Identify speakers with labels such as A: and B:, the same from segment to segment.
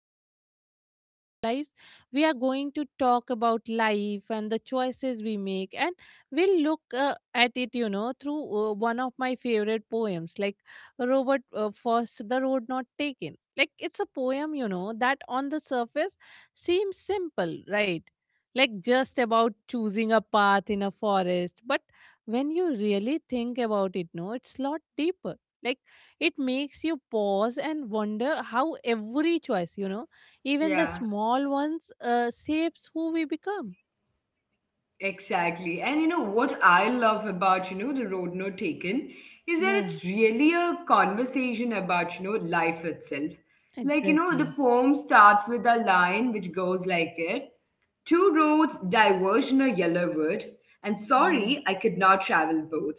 A: it differently in our lives, we are going to talk about life and the choices we make, and we'll look at it, you know, through one of my favorite poems, like Robert Frost, The Road Not Taken. Like, it's a poem, you know, that on the surface seems simple, right? Like just about choosing a path in a forest, but when you really think about it, no, it's lot deeper. Like it makes you pause and wonder how every choice, you know, even the small
B: Yeah,
A: ones shapes who we become.
B: exactly. And you know what I love about, the road not taken is that
A: Yeah,
B: it's really a conversation about, life itself. Like, you know, the
A: exactly.
B: poem starts with a line which goes like it. Two roads diverged in a yellow wood, and
A: Yeah.
B: sorry, I could not travel both.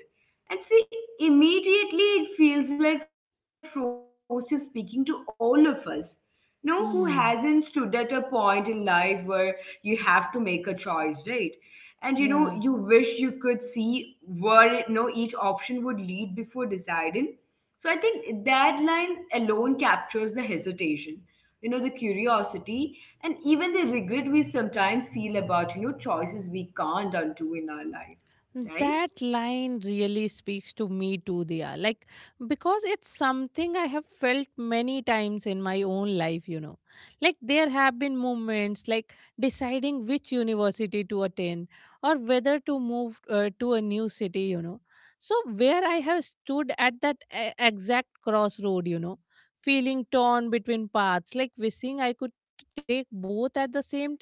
B: And see, immediately it feels like Frost is speaking to all of us. No, who hasn't stood at a
A: Hmm.
B: point in life where you have to make a choice, right? And you know, you wish you
A: Yeah.
B: could see where no each option would lead before deciding. So I think that line alone captures the hesitation, the curiosity, and even the regret we sometimes feel about choices we can't undo in our life, right?
A: That line really speaks to me too, Diya. Like, because it's something I have felt many times in my own life, you know. Like, there have been moments like deciding which university to attend or whether to move to a new city, you know. So, where I have stood at that exact crossroad, you know, feeling torn between paths, like wishing I could take both at the same time.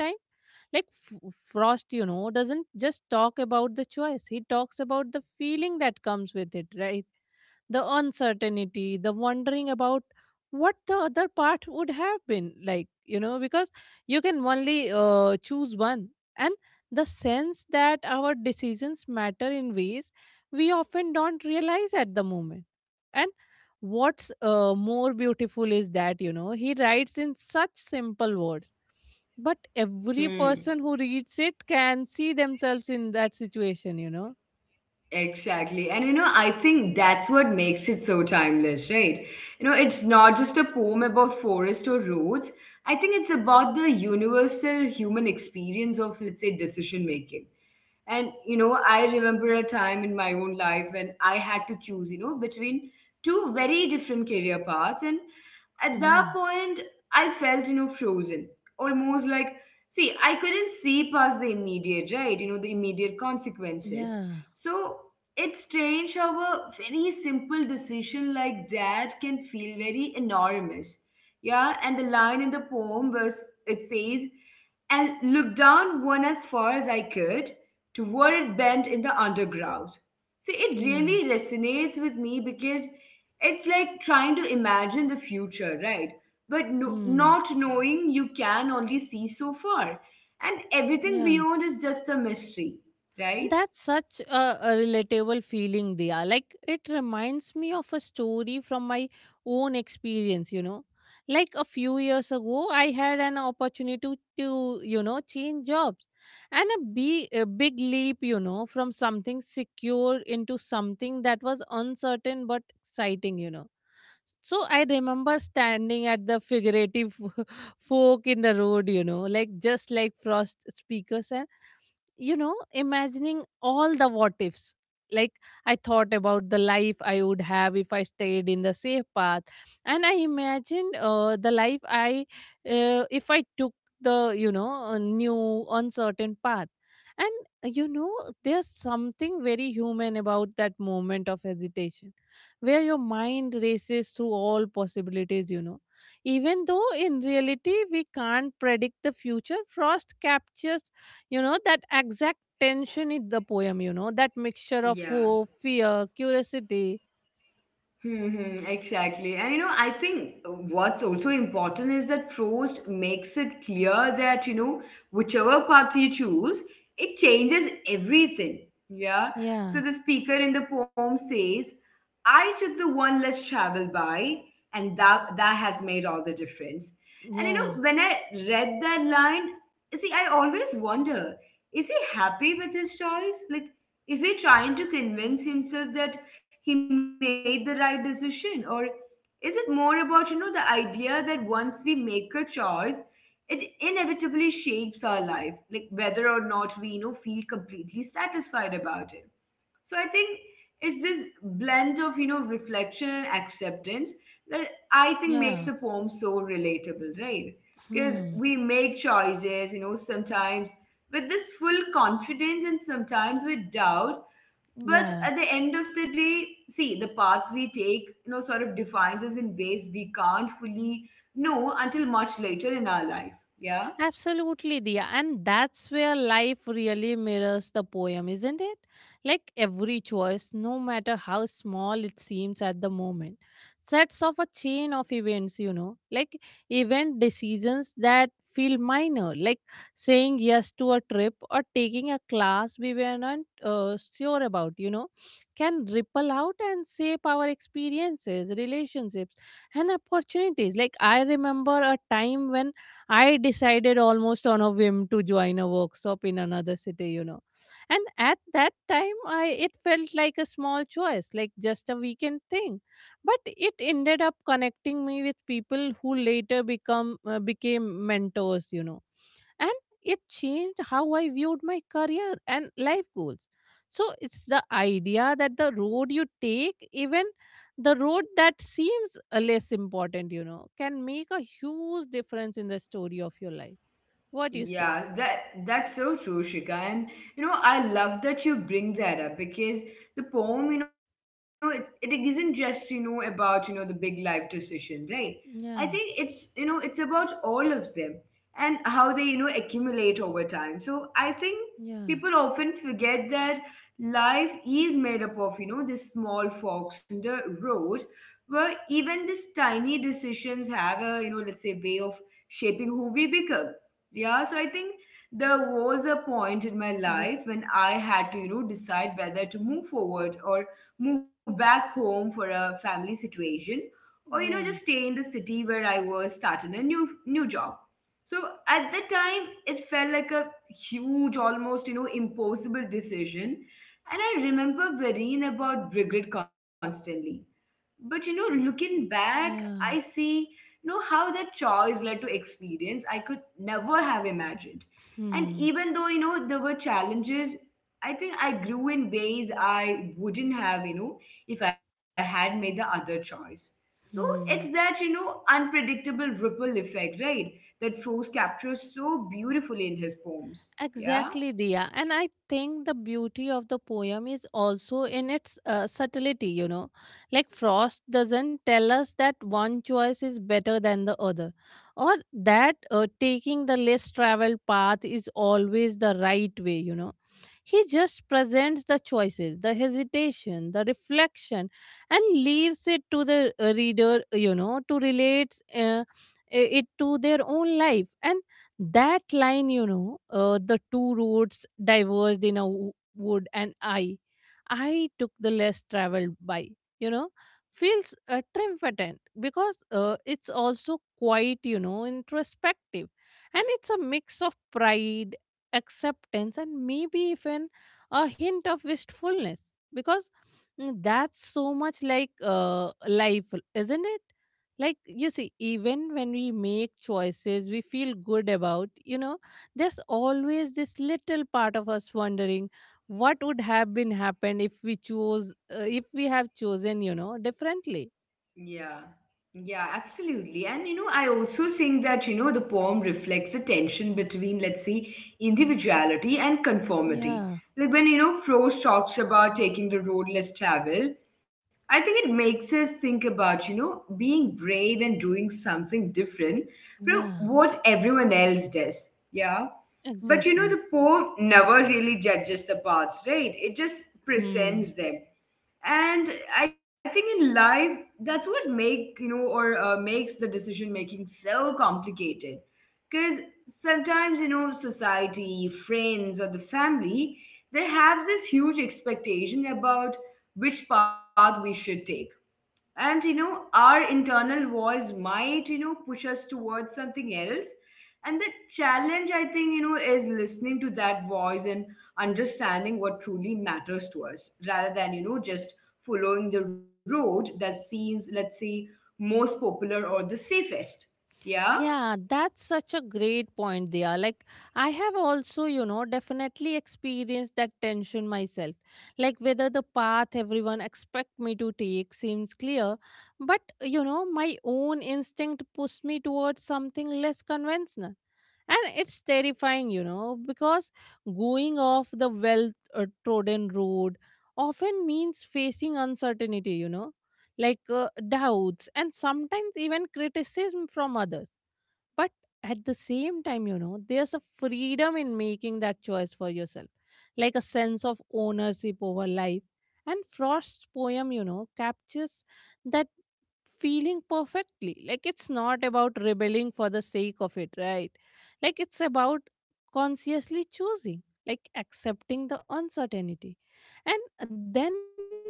A: Like Frost, you know, doesn't just talk about the choice. He talks about the feeling that comes with it, right? The uncertainty, the wondering about what the other part would have been like, you know, because you can only choose one. And the sense that our decisions matter in ways we often don't realize at the moment. And what's more beautiful is that, you know, he writes in such simple words, but
B: Hmm,
A: every person who reads it can see themselves in that situation, you know?
B: exactly. And I think that's what makes it so timeless, right? It's not just a poem about forest or roads. I think it's about the universal human experience of, let's say, decision making. And you know, I remember a time in my own life when I had to choose, between two very different career paths. And at
A: Yeah,
B: that point, I felt, frozen. Almost like, see, I couldn't see past the immediate, right? You know, the immediate consequences.
A: yeah,
B: So it's strange how a very simple decision like that can feel very enormous. Yeah, and the line in the poem was, it says, and looked down one as far as I could, to where it bent in the underground. See, it
A: yeah.
B: really resonates with me because it's like trying to imagine the future, right? But no,
A: Hmm.
B: not knowing, you can only see so far. And everything
A: Yeah.
B: beyond is just a mystery, right?
A: That's such a relatable feeling, Dia. Like, it reminds me of a story from my own experience, you know. Like, a few years ago, I had an opportunity to you know, change jobs and a big leap, you know, from something secure into something that was uncertain but exciting, you know. So I remember standing at the figurative fork in the road, you know, like just like Frost speakers. And you know, imagining all the what ifs like I thought about the life I would have if I stayed in the safe path, and I imagined the life I if I took the, you know, new uncertain path. And you know, there's something very human about that moment of hesitation where your mind races through all possibilities, you know, even though in reality we can't predict the future. Frost captures, you know, that exact tension in the poem, you know, that mixture of
B: Yeah.
A: hope, fear, curiosity.
B: Mm-hmm, exactly. And I think what's also important is that Prost makes it clear that, whichever path you choose, it changes everything. Yeah.
A: Yeah,
B: So the speaker in the poem says, I took the one less traveled by, and that has made all the difference. And
A: yeah,
B: when I read that line, see, I always wonder, is he happy with his choice? Like, is he trying to convince himself that he made the right decision, or is it more about the idea that once we make a choice, it inevitably shapes our life, like whether or not we, feel completely satisfied about it. So I think it's this blend of, reflection and acceptance that I think makes
A: yeah.
B: a poem so relatable, right? Because
A: Hmm.
B: we make choices, sometimes with this full confidence and sometimes with doubt, but
A: Yeah.
B: at the end of the day, see, the paths we take sort of defines us in ways we can't fully know until much later in our life. Yeah.
A: Absolutely, Dia. And that's where life really mirrors the poem, isn't it? Like every choice, no matter how small it seems at the moment, sets off a chain of events, you know, like event decisions that feel minor, like saying yes to a trip or taking a class we were not sure about, you know, can ripple out and shape our experiences, relationships, and opportunities. Like, I remember a time when I decided almost on a whim to join a workshop in another city, you know. And at that time, I it felt like a small choice, like just a weekend thing, but it ended up connecting me with people who later become became mentors, you know. And it changed how I viewed my career and life goals. So it's the idea that the road you take, even the road that seems less important, you know, can make a huge difference in the story of your life. What do you say?
B: Yeah, that's so true, Shika. And I love that you bring that up because the poem, you know, it isn't just, about, the big life decision, right? I think it's,
A: Yeah,
B: it's about all of them and how they, accumulate over time. So I think people
A: yeah,
B: often forget that life is made up of, this small forks in the road where even these tiny decisions have a, let's say, way of shaping who we become. Yeah, so I think there was a point in my
A: yeah,
B: life when I had to, decide whether to move forward or move back home for a family situation, or,
A: yeah,
B: just stay in the city where I was starting a new job. So at the time, it felt like a huge, almost, impossible decision. And I remember worrying about regret constantly, but looking back, I
A: yeah.
B: see how that choice led to experience I could never have imagined. And
A: Hmm,
B: even though there were challenges, I think I grew in ways I wouldn't have, if I had made the other choice. So
A: hmm.
B: it's that, unpredictable ripple effect, right, that Frost captures so beautifully in his poems.
A: Exactly,
B: Yeah.
A: Dia. And I think the beauty of the poem is also in its subtlety, you know. Like Frost doesn't tell us that one choice is better than the other, or that taking the less traveled path is always the right way, you know. He just presents the choices, the hesitation, the reflection, and leaves it to the reader, you know, to relate it to their own life. And that line, you know, the two roads diverged in a wood, and I took the less traveled by, you know, feels triumphant because it's also quite, you know, introspective, and it's a mix of pride, acceptance, and maybe even a hint of wistfulness. Because mm, that's so much like life, isn't it? Like you see, even when we make choices we feel good about, you know, there's always this little part of us wondering what would have been happened if we chose if we have chosen, you know, differently.
B: Yeah, yeah, absolutely. And I also think that the poem reflects a tension between, let's say, individuality and
A: Yeah,
B: conformity. Like when Frost talks about taking the road less traveled, I think it makes us think about being brave and doing something different
A: yeah,
B: from what everyone else does. Yeah. But
A: exactly.
B: the poem never really judges the paths, right? It just
A: Hmm.
B: presents them. And I think in life that's what make you know or makes the decision making so complicated, because sometimes society, friends, or the family, they have this huge expectation about which path we should take. And our internal voice might push us towards something else. And the challenge, I think, is listening to that voice and understanding what truly matters to us, rather than just following the road that seems, let's say, most popular or the safest. Yeah.
A: Yeah, that's such a great point there. Like, I have also, you know, definitely experienced that tension myself. Like, whether the path everyone expect me to take seems clear, but, you know, my own instinct pushed me towards something less conventional. And it's terrifying, you know, because going off the well trodden road often means facing uncertainty, you know, like doubts and sometimes even criticism from others. But at the same time, you know, there's a freedom in making that choice for yourself, like a sense of ownership over life. And Frost's poem, you know, captures that feeling perfectly. Like it's not about rebelling for the sake of it, right? Like it's about consciously choosing, like accepting the uncertainty, and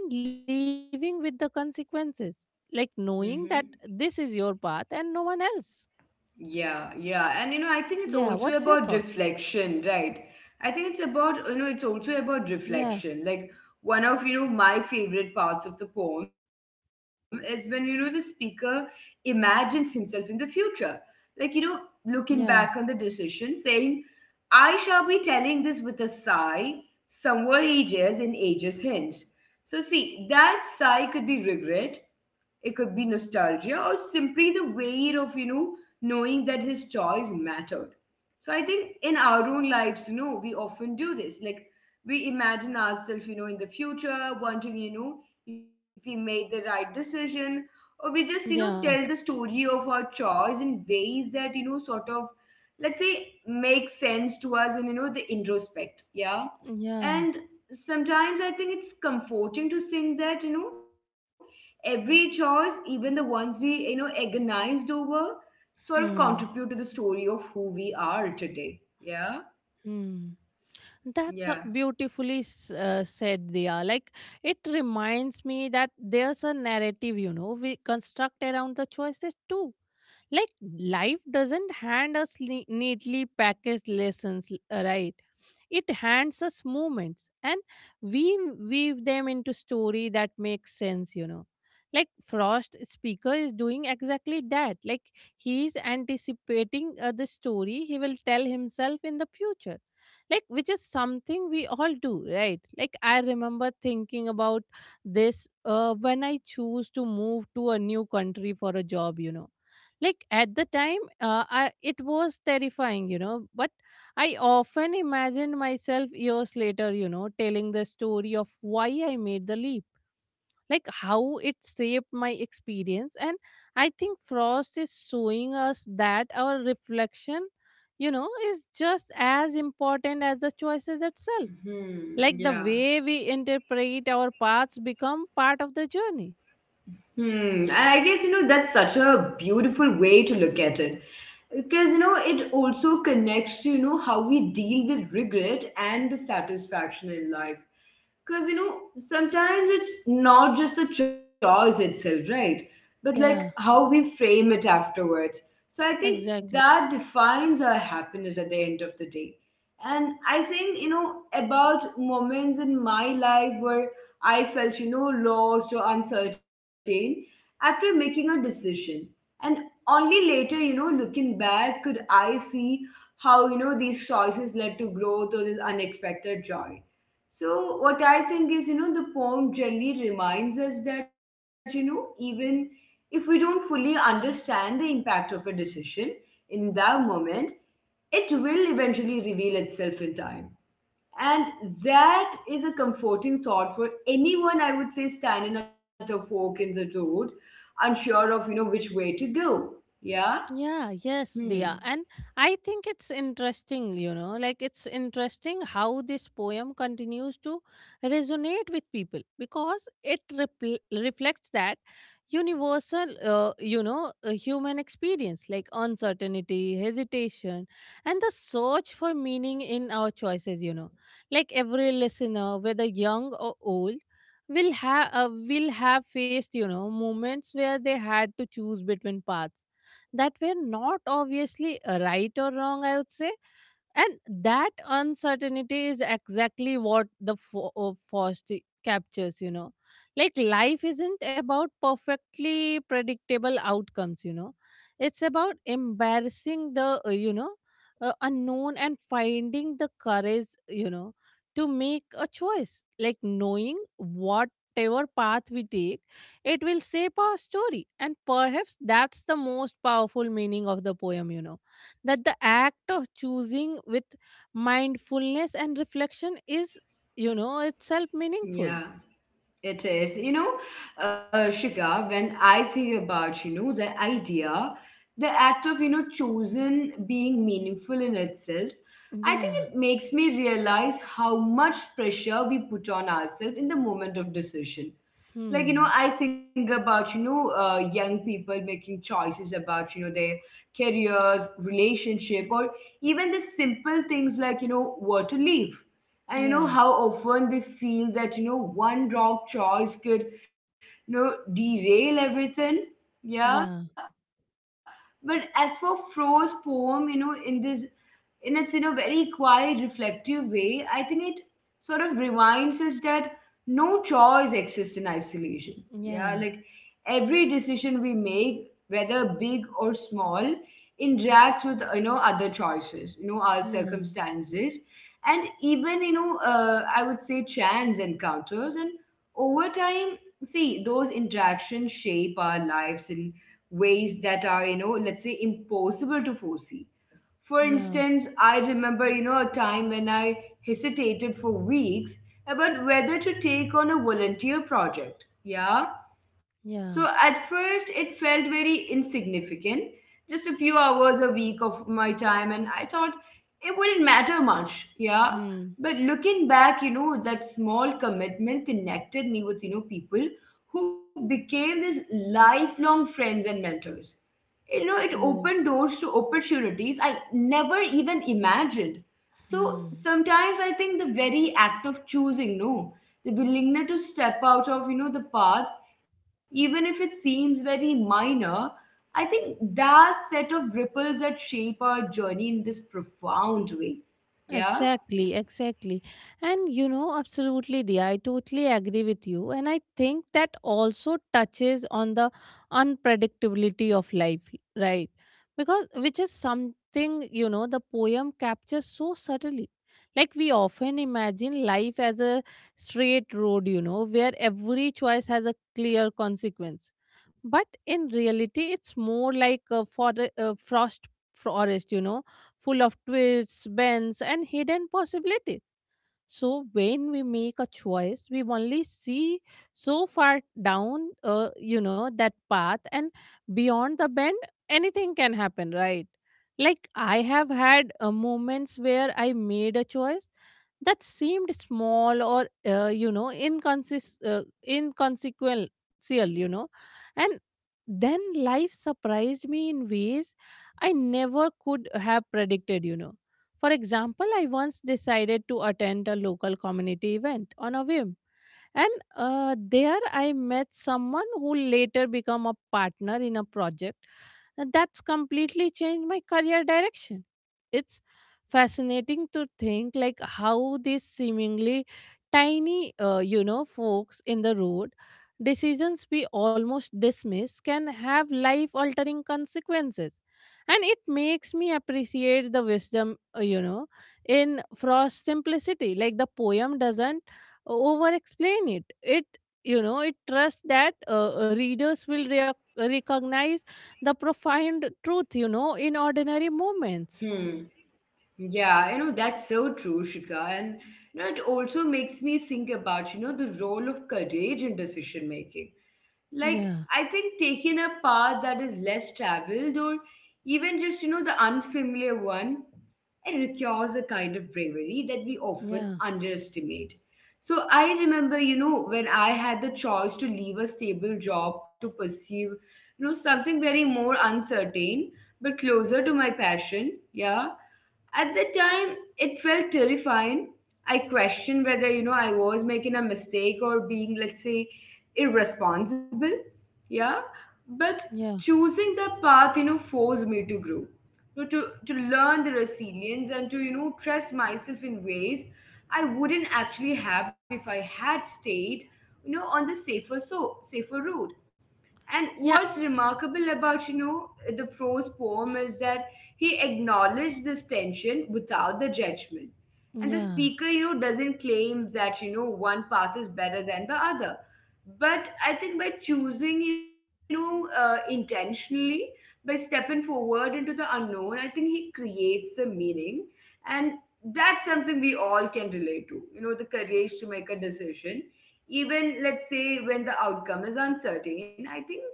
A: then living with the consequences, like knowing
B: Mm-hmm.
A: that this is your path and no one else.
B: Yeah, yeah. And I think it's
A: Yeah,
B: also
A: what's your
B: about
A: thought?
B: reflection, right? I think it's about, it's also about
A: Yeah.
B: reflection. Like one of, my favorite parts of the poem is when, the speaker imagines himself in the future. Like, looking back on the decision,
A: Yeah,
B: saying, I shall be telling this with a sigh, somewhere ages in ages hence. So see, that sigh could be regret, it could be nostalgia, or simply the weight of, knowing that his choice mattered. So I think in our own lives, we often do this. Like we imagine ourselves, in the future, wanting, if we made the right decision, or we just, tell the
A: yeah,
B: story of our choice in ways that, sort of, let's say, make sense to us and, the introspect. Yeah,
A: yeah.
B: and sometimes I think it's comforting to think that, every choice, even the ones we, agonized over, sort of contribute
A: Hmm,
B: to the story of who we are today. Yeah.
A: hmm. That's a
B: Yeah.
A: beautifully said, Diya. Like, it reminds me that there's a narrative, you know, we construct around the choices too. Like, life doesn't hand us neatly packaged lessons, right? It hands us moments, and we weave them into story that makes sense, you know. Like Frost speaker is doing exactly that. Like he is anticipating the story he will tell himself in the future. Like which is something we all do, right? Like I remember thinking about this when I choose to move to a new country for a job, you know. Like at the time, it was terrifying, you know, but I often imagined myself years later, you know, telling the story of why I made the leap, like how it shaped my experience. And I think Frost is showing us that our reflection, you know, is just as important as the choices itself. Like the
B: Hmm.
A: way
B: Yeah.
A: we interpret our paths become part of the journey.
B: Hmm. And I guess, that's such a beautiful way to look at it. Because, it also connects to, how we deal with regret and the satisfaction in life. Because sometimes it's not just the choice itself, right, but like how
A: Yeah,
B: we frame it afterwards. So I think
A: exactly.
B: that defines our happiness at the end of the day. And I think about moments in my life where I felt lost or uncertain after making a decision. And only later, looking back, could I see how, these choices led to growth or this unexpected joy. So what I think is, the poem generally reminds us that, even if we don't fully understand the impact of a decision in that moment, it will eventually reveal itself in time. And that is a comforting thought for anyone, I would say, standing at a fork in the road, unsure of, which way to go. Yeah?
A: Yeah, yes, they are.
B: Hmm.
A: And I think it's interesting, you know, like it's interesting how this poem continues to resonate with people because it repl reflects that universal, you know, human experience like uncertainty, hesitation, and the search for meaning in our choices, you know. Like every listener, whether young or old, will have faced, you know, moments where they had to choose between paths that were not obviously right or wrong, I would say, and that uncertainty is exactly what the Faust captures, you know. Like life isn't about perfectly predictable outcomes, you know. It's about embarrassing the, unknown, and finding the courage, you know, to make a choice. Like knowing whatever path we take, it will shape our story. And perhaps that's the most powerful meaning of the poem, you know, that the act of choosing with mindfulness and reflection is, you know, itself meaningful.
B: Yeah. It is, Shika, when I think about, the idea, the act of, chosen being meaningful in itself, I think
A: Yeah.
B: it makes me realize how much pressure we put on ourselves in the moment of decision. Like,
A: Hmm.
B: I think about, young people making choices about, their careers, relationship, or even the simple things like, where to live. And
A: Yeah,
B: how often they feel that one wrong choice could derail everything. Yeah.
A: yeah,
B: But as for Fro's poem, in this, in its very quiet reflective way, I think it sort of reminds us that no choice exists in isolation. Yeah, like
A: yeah.
B: every decision we make, whether big or small, interacts with other choices, our
A: Hmm.
B: circumstances, and even, I would say, chance encounters. And over time, see, those interactions shape our lives in ways that are, let's say, impossible to foresee. For
A: Yeah,
B: instance, I remember, a time when I hesitated for weeks about whether to take on a volunteer project. Yeah.
A: yeah.
B: So at first, it felt very insignificant, just a few hours a week of my time, and I thought it wouldn't matter much. Yeah.
A: Hmm.
B: But looking back, that small commitment connected me with, people who became these lifelong friends and mentors. It
A: Oh.
B: opened doors to opportunities I never even imagined. So
A: Hmm.
B: sometimes I think the very act of choosing, no, the willingness to step out of, the path, even if it seems very minor, I think that set of ripples that shape our journey in this profound way. Yeah.
A: Exactly, exactly. And you know, absolutely, the I totally agree with you. And I think that also touches on the unpredictability of life, right? Because which is something, you know, the poem captures so subtly. Like we often imagine life as a straight road, you know, where every choice has a clear consequence. But in reality, it's more like a uh, frost forest, you know, full of twists, bends, and hidden possibilities. So when we make a choice, we only see so far down, you know, that path, and beyond the bend, anything can happen, right? Like I have had moments where I made a choice that seemed small or you know, inconsist inconsequential, you know, and then life surprised me in ways I never could have predicted, you know. For example, I once decided to attend a local community event on a whim, and there I met someone who later became a partner in a project. And that's completely changed my career direction. It's fascinating to think like how these seemingly tiny, folks in the road, decisions we almost dismiss can have life altering consequences. And it makes me appreciate the wisdom, you know, in Frost's simplicity. Like the poem doesn't over explain it. It trusts that readers will recognize the profound truth, you know, in ordinary moments.
B: Hmm. Yeah, that's so true, Shika. And it also makes me think about, the role of courage in decision making. Like
A: Yeah,
B: I think taking a path that is less traveled, or even just, the unfamiliar one, it requires a kind of bravery that we often
A: yeah,
B: underestimate. So I remember, when I had the choice to leave a stable job to pursue, something very more uncertain but closer to my passion, yeah. At the time, it felt terrifying. I questioned whether, I was making a mistake or being, let's say, irresponsible. Yeah. But
A: yeah,
B: choosing the path, forced me to grow, know, to learn the resilience and to, trust myself in ways I wouldn't actually have if I had stayed, on the safer, so safer route. And
A: yeah,
B: what's remarkable about, the Fro's poem is that he acknowledged this tension without the judgment. And the
A: yeah.
B: speaker, doesn't claim that, one path is better than the other. But I think by choosing, intentionally, by stepping forward into the unknown, I think he creates a meaning. And that's something we all can relate to, the courage to make a decision, even let's say when the outcome is uncertain. I think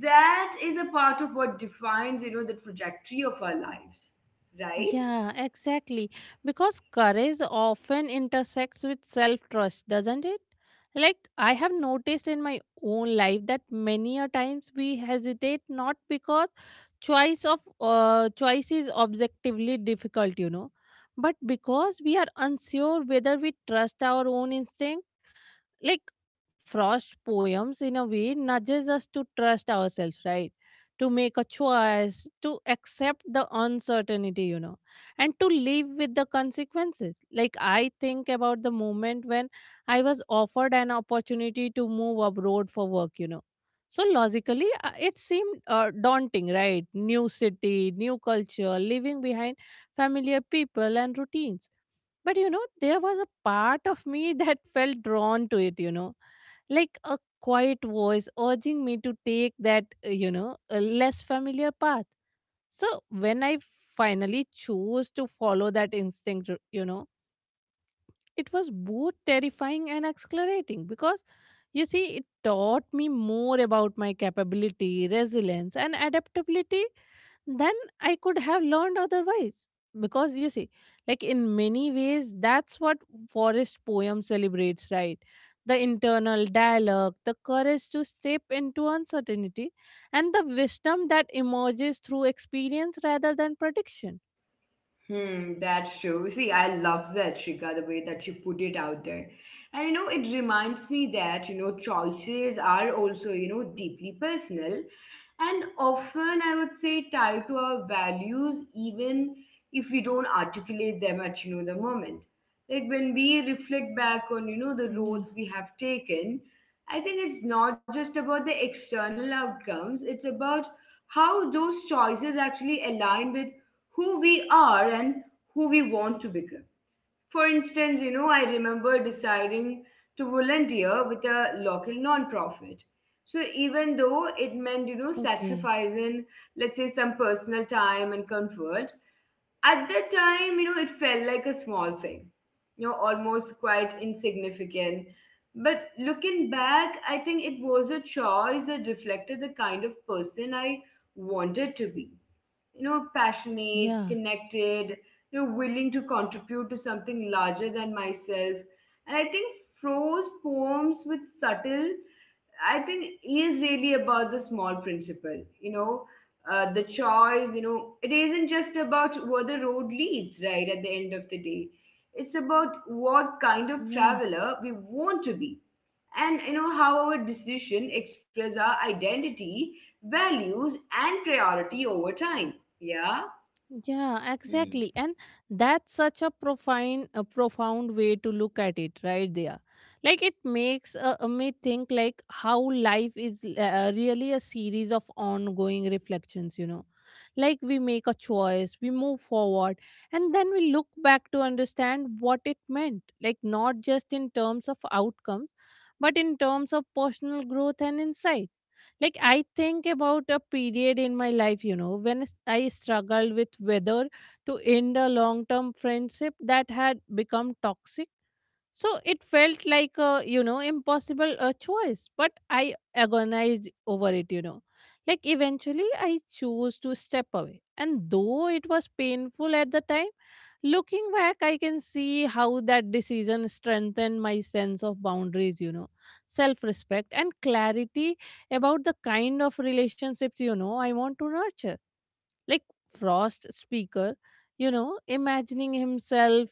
B: that is a part of what defines, the trajectory of our lives, right?
A: Yeah, exactly. Because courage often intersects with self trust, doesn't it? Like, I have noticed in my own life that many a times we hesitate not because choice is objectively difficult, you know, but because we are unsure whether we trust our own instincts, like Frost's poems, in a way, nudges us to trust ourselves, right? To make a choice, to accept the uncertainty, you know, and to live with the consequences. Like, I think about the moment when I was offered an opportunity to move abroad for work, you know. So, logically, it seemed daunting, right? New city, new culture, leaving behind familiar people and routines, but you know, there was a part of me that felt drawn to it, you know, like a quiet voice urging me to take that, a less familiar path. So when I finally chose to follow that instinct, you know, it was both terrifying and exhilarating because you see, it taught me more about my capability, resilience, and adaptability then I could have learned otherwise. Because you see, like in many ways, that's what forest poem celebrates, right? The internal dialogue, the courage to step into uncertainty, and the wisdom that emerges through experience rather than prediction.
B: Hmm, that's true. See, I love that, Shika, the way that you put it out there. And it reminds me that, choices are also, deeply personal and often I would say tied to our values, even if we don't articulate them at, the moment. Like when we reflect back
A: Yeah.
B: on, the roads we have taken, I think it's not just about the external outcomes, it's about how those choices actually align with who we are and who we want to become. For instance, I remember deciding to volunteer with a local nonprofit. So even though it
A: Okay.
B: meant, sacrificing, let's say, some personal time and comfort, at that time, it felt like a small thing, almost quite insignificant. But looking back, I think it was a choice that reflected the kind of person I wanted to be,
A: Yeah.
B: passionate, connected, willing to contribute to something larger than myself. And I think Fro's poems with subtle, I think is really about the small principle, the choice, it isn't just about where the road leads, right, at the end of the day. It's about what kind
A: Yeah.
B: of traveler we want to be, and how our decision express our identity, values and priority over time. Yeah.
A: Yeah, exactly. And that's such a profound way to look at it right there. Like it makes me think like how life is really a series of ongoing reflections, you know. Like we make a choice, we move forward, and then we look back to understand what it meant. Like not just in terms of outcomes, but in terms of personal growth and insight. Like, I think about a period in my life, you know, when I struggled with whether to end a long term friendship that had become toxic. So it felt like a, you know, impossible choice, but I agonized over it, you know. Like eventually I chose to step away. And though it was painful at the time, looking back, I can see how that decision strengthened my sense of boundaries, you know, self respect and clarity about the kind of relationships, you know, I want to nurture. Like Frost speaker, you know, imagining himself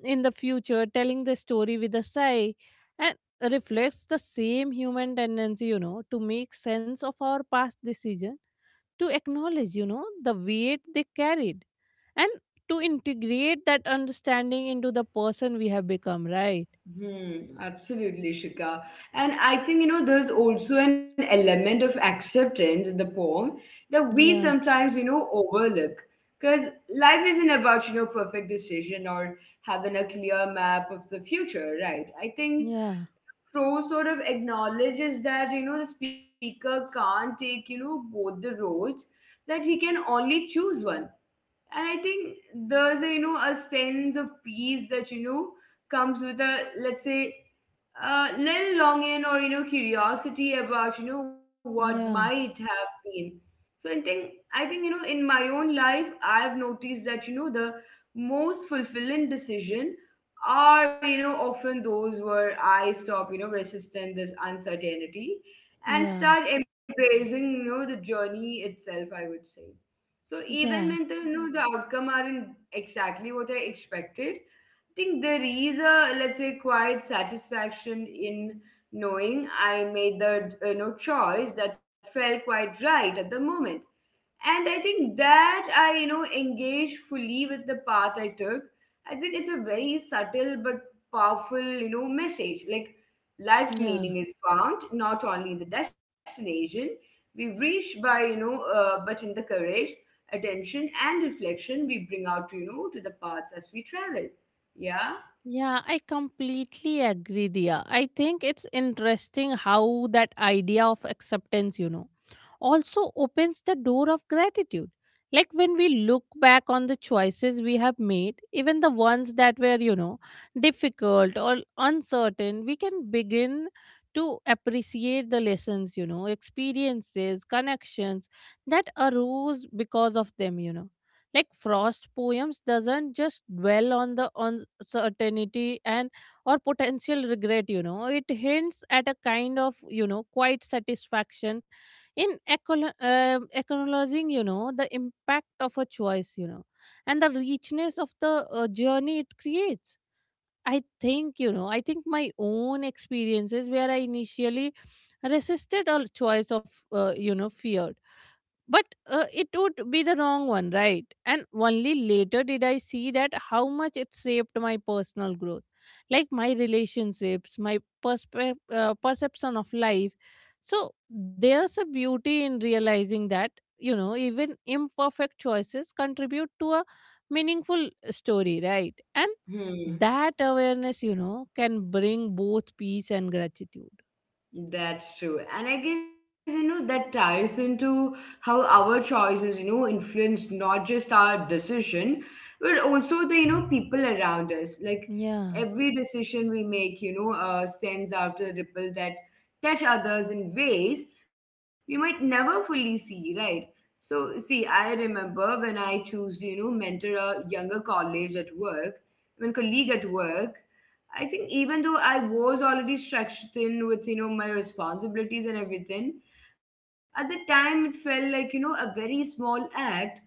A: in the future telling the story with a sigh, and reflects the same human tendency, you know, to make sense of our past decision, to acknowledge, you know, the weight they carried, and to integrate that understanding into the person we have become, right?
B: Hmm, absolutely, Shika. And I think there's also an element of acceptance in the poem that we
A: Yeah,
B: sometimes, overlook, because life isn't about, perfect decision or having a clear map of the future, right? I
A: yeah,
B: think Pro sort of acknowledges that, the speaker can't take, both the roads, that he can only choose one. And I think there's a, a sense of peace that, comes with a, let's say, a little longing or, curiosity about, what
A: yeah,
B: might have been. So I think in my own life I've noticed that, the most fulfilling decision are, often those where I stop, resisting this uncertainty and
A: yeah,
B: start embracing, the journey itself, I would say. So even
A: yeah,
B: when the, the outcome aren't exactly what I expected, think there is a, let's say, quiet satisfaction in knowing I made the, choice that felt quite right at the moment, and I think that I, engaged fully with the path I took. I think it's a very subtle but powerful, message. Like life's
A: yeah.
B: meaning is found not only in the destination we reach by, but in the courage, attention, and reflection we bring out, to, to the paths as we travel. Yeah.
A: Yeah, I completely agree, dia I think it's interesting how that idea of acceptance, you know, also opens the door of gratitude. Like when we look back on the choices we have made, even the ones that were, you know, difficult or uncertain, we can begin to appreciate the lessons, you know, experiences, connections that arose because of them, you know. Like Frost poems doesn't just dwell on the uncertainty and or potential regret, you know, it hints at a kind of, you know, quiet satisfaction in acknowledging, you know, the impact of a choice, you know, and the richness of the, journey it creates. I think, you know, I think my own experiences where I initially resisted all choice of you know, fear, but it would be the wrong one, right? And only later did I see that how much it shaped my personal growth, like my relationships, my perception of life. So there's a beauty in realizing that, you know, even imperfect choices contribute to a meaningful story, right? And that
B: Hmm.
A: awareness, you know, can bring both peace and gratitude.
B: That's true. And I guess, that ties into how our choices, influence not just our decision, but also the, people around us. Like
A: Yeah,
B: every decision we make, sends out a ripple that touch others in ways we might never fully see, right? So, see, I remember when I choose, mentor a younger college at work, when colleague at work, I think even though I was already stretched thin with, my responsibilities and everything, at the time it felt like, a very small act.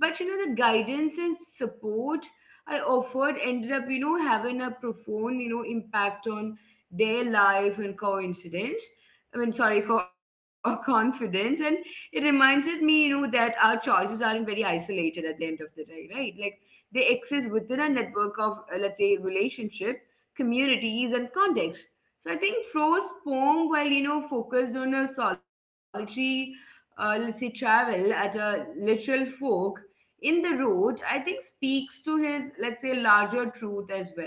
B: But, the guidance and support I offered ended up, having a profound, impact on their life and coincidence. I mean, sorry, co- confidence. And it reminded me, that our choices aren't very isolated at the end of the day, right? Like they exist within a network of, let's say, relationships, communities and context. So I think Fro's poem, while focused on a solitary, let's say travel at a literal fork in the road, I think speaks to his, let's say, larger truth as well.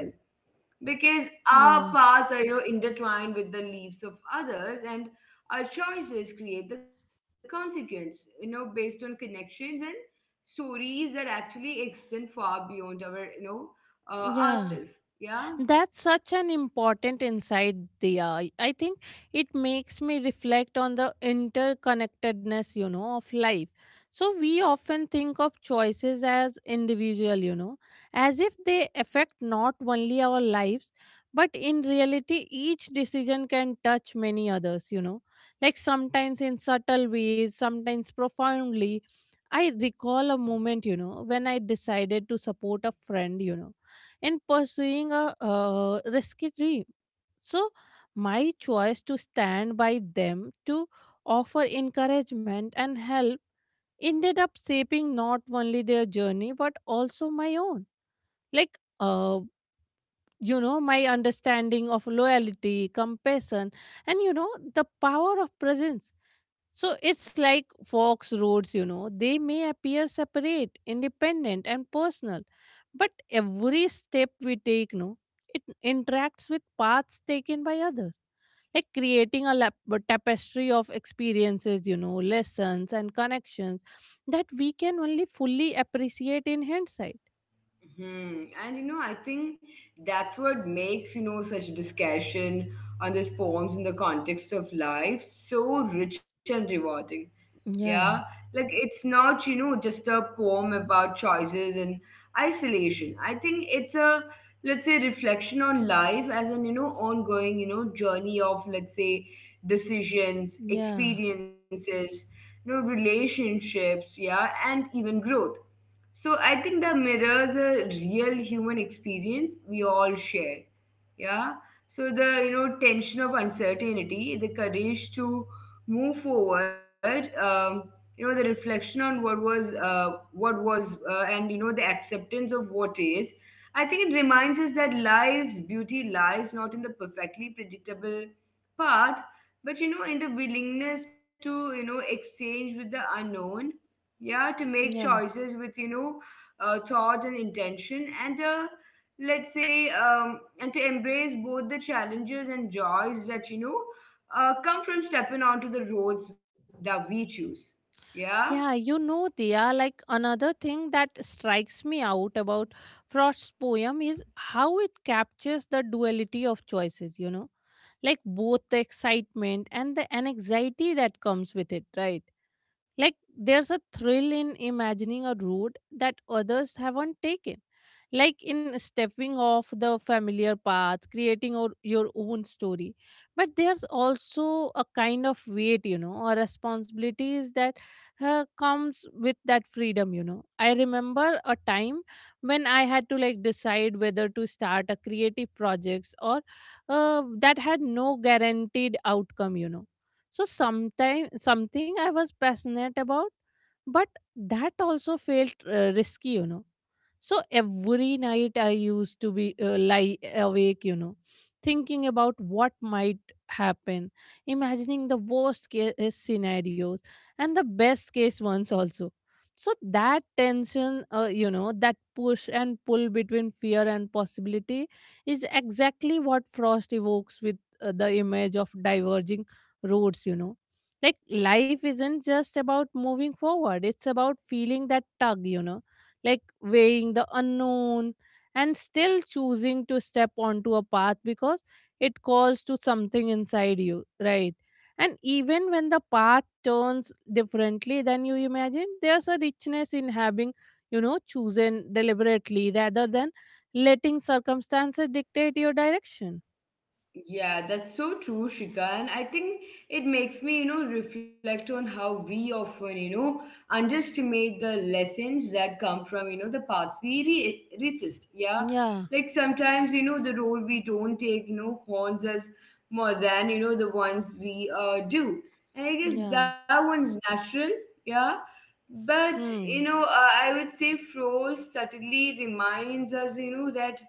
B: Because our
A: yeah,
B: paths are, intertwined with the leaves of others, and our choices create the consequence. You know, based on connections and stories that actually extend far beyond our, ourselves.
A: yeah.
B: Yeah.
A: That's such an important insight, Diya. I think it makes me reflect on the interconnectedness, you know, of life. So we often think of choices as individual, you know, as if they affect not only our lives, but in reality, each decision can touch many others, you know, like sometimes in subtle ways, sometimes profoundly. I recall a moment, you know, when I decided to support a friend, you know, in pursuing a risky dream. So, my choice to stand by them, to offer encouragement and help, ended up shaping not only their journey but also my own. Like, you know, my understanding of loyalty, compassion, and you know, the power of presence. So it's like Fox roads, you know, they may appear separate, independent, and personal, but every step we take, no, it interacts with paths taken by others, like creating a a tapestry of experiences, you know, lessons and connections that we can only fully appreciate in hindsight.
B: Hmm. And I think that's what makes, such discussion on these poems in the context of life so rich and rewarding. Yeah.
A: Yeah,
B: Like it's not, just a poem about choices and isolation. I think it's a, let's say, reflection on life as an, ongoing, journey of, let's say, decisions,
A: yeah,
B: experiences, relationships, yeah, and even growth. So I think the mirrors a real human experience we all share. Yeah. So the, tension of uncertainty, the courage to move forward, the reflection on what was, and the acceptance of what is. I think it reminds us that life's beauty lies not in the perfectly predictable path, but, in the willingness to, exchange with the unknown, yeah, to make
A: yeah.
B: choices with, thought and intention and, let's say, and to embrace both the challenges and joys that, come from stepping onto the roads that we choose. Yeah.
A: Yeah, you know, Diya, like another thing that strikes me out about Frost's poem is how it captures the duality of choices, you know, like both the excitement and the anxiety that comes with it, right? Like there's a thrill in imagining a road that others haven't taken. Like in stepping off the familiar path, creating or your own story. But there's also a kind of weight, you know, or responsibilities that comes with that freedom, you know. I remember a time when I had to like decide whether to start a creative projects or that had no guaranteed outcome, you know, so sometime something I was passionate about, but that also felt risky, you know. So every night I used to be lie awake, you know, thinking about what might happen, imagining the worst case scenarios and the best case ones also. So that tension, you know, that push and pull between fear and possibility is exactly what Frost evokes with the image of diverging roads, you know. Like life isn't just about moving forward, it's about feeling that tug, you know, like weighing the unknown and still choosing to step onto a path because it calls to something inside you, right? And even when the path turns differently than you imagine, there's a richness in having, you know, chosen deliberately rather than letting circumstances dictate your direction.
B: Yeah, that's so true, Shika. And I think it makes me, reflect on how we often, underestimate the lessons that come from, the paths we resist. Yeah.
A: Yeah,
B: Like sometimes, the role we don't take, haunts us more than, the ones we do. And I guess
A: yeah.
B: that one's natural. Yeah. But,
A: Hmm,
B: I would say Froze subtly reminds us, that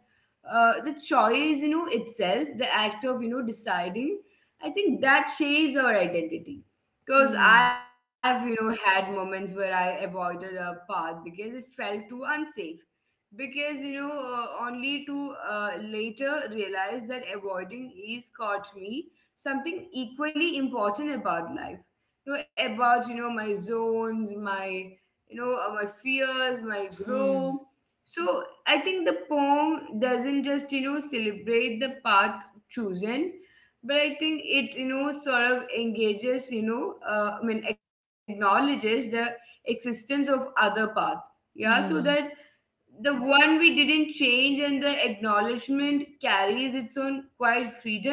B: the choice, itself, the act of, deciding, I think that shapes our identity, because
A: hmm.
B: I've, had moments where I avoided a path because it felt too unsafe, because only to later realize that avoiding is caught me something equally important about life, about, you know my zones, my, my fears, my growth.
A: Hmm.
B: So I think the poem doesn't just, celebrate the path chosen, but I think it, sort of engages, I mean, acknowledges the existence of other path. Yeah, so that
A: Yeah.
B: the one we didn't change, and the acknowledgement carries its own quiet freedom,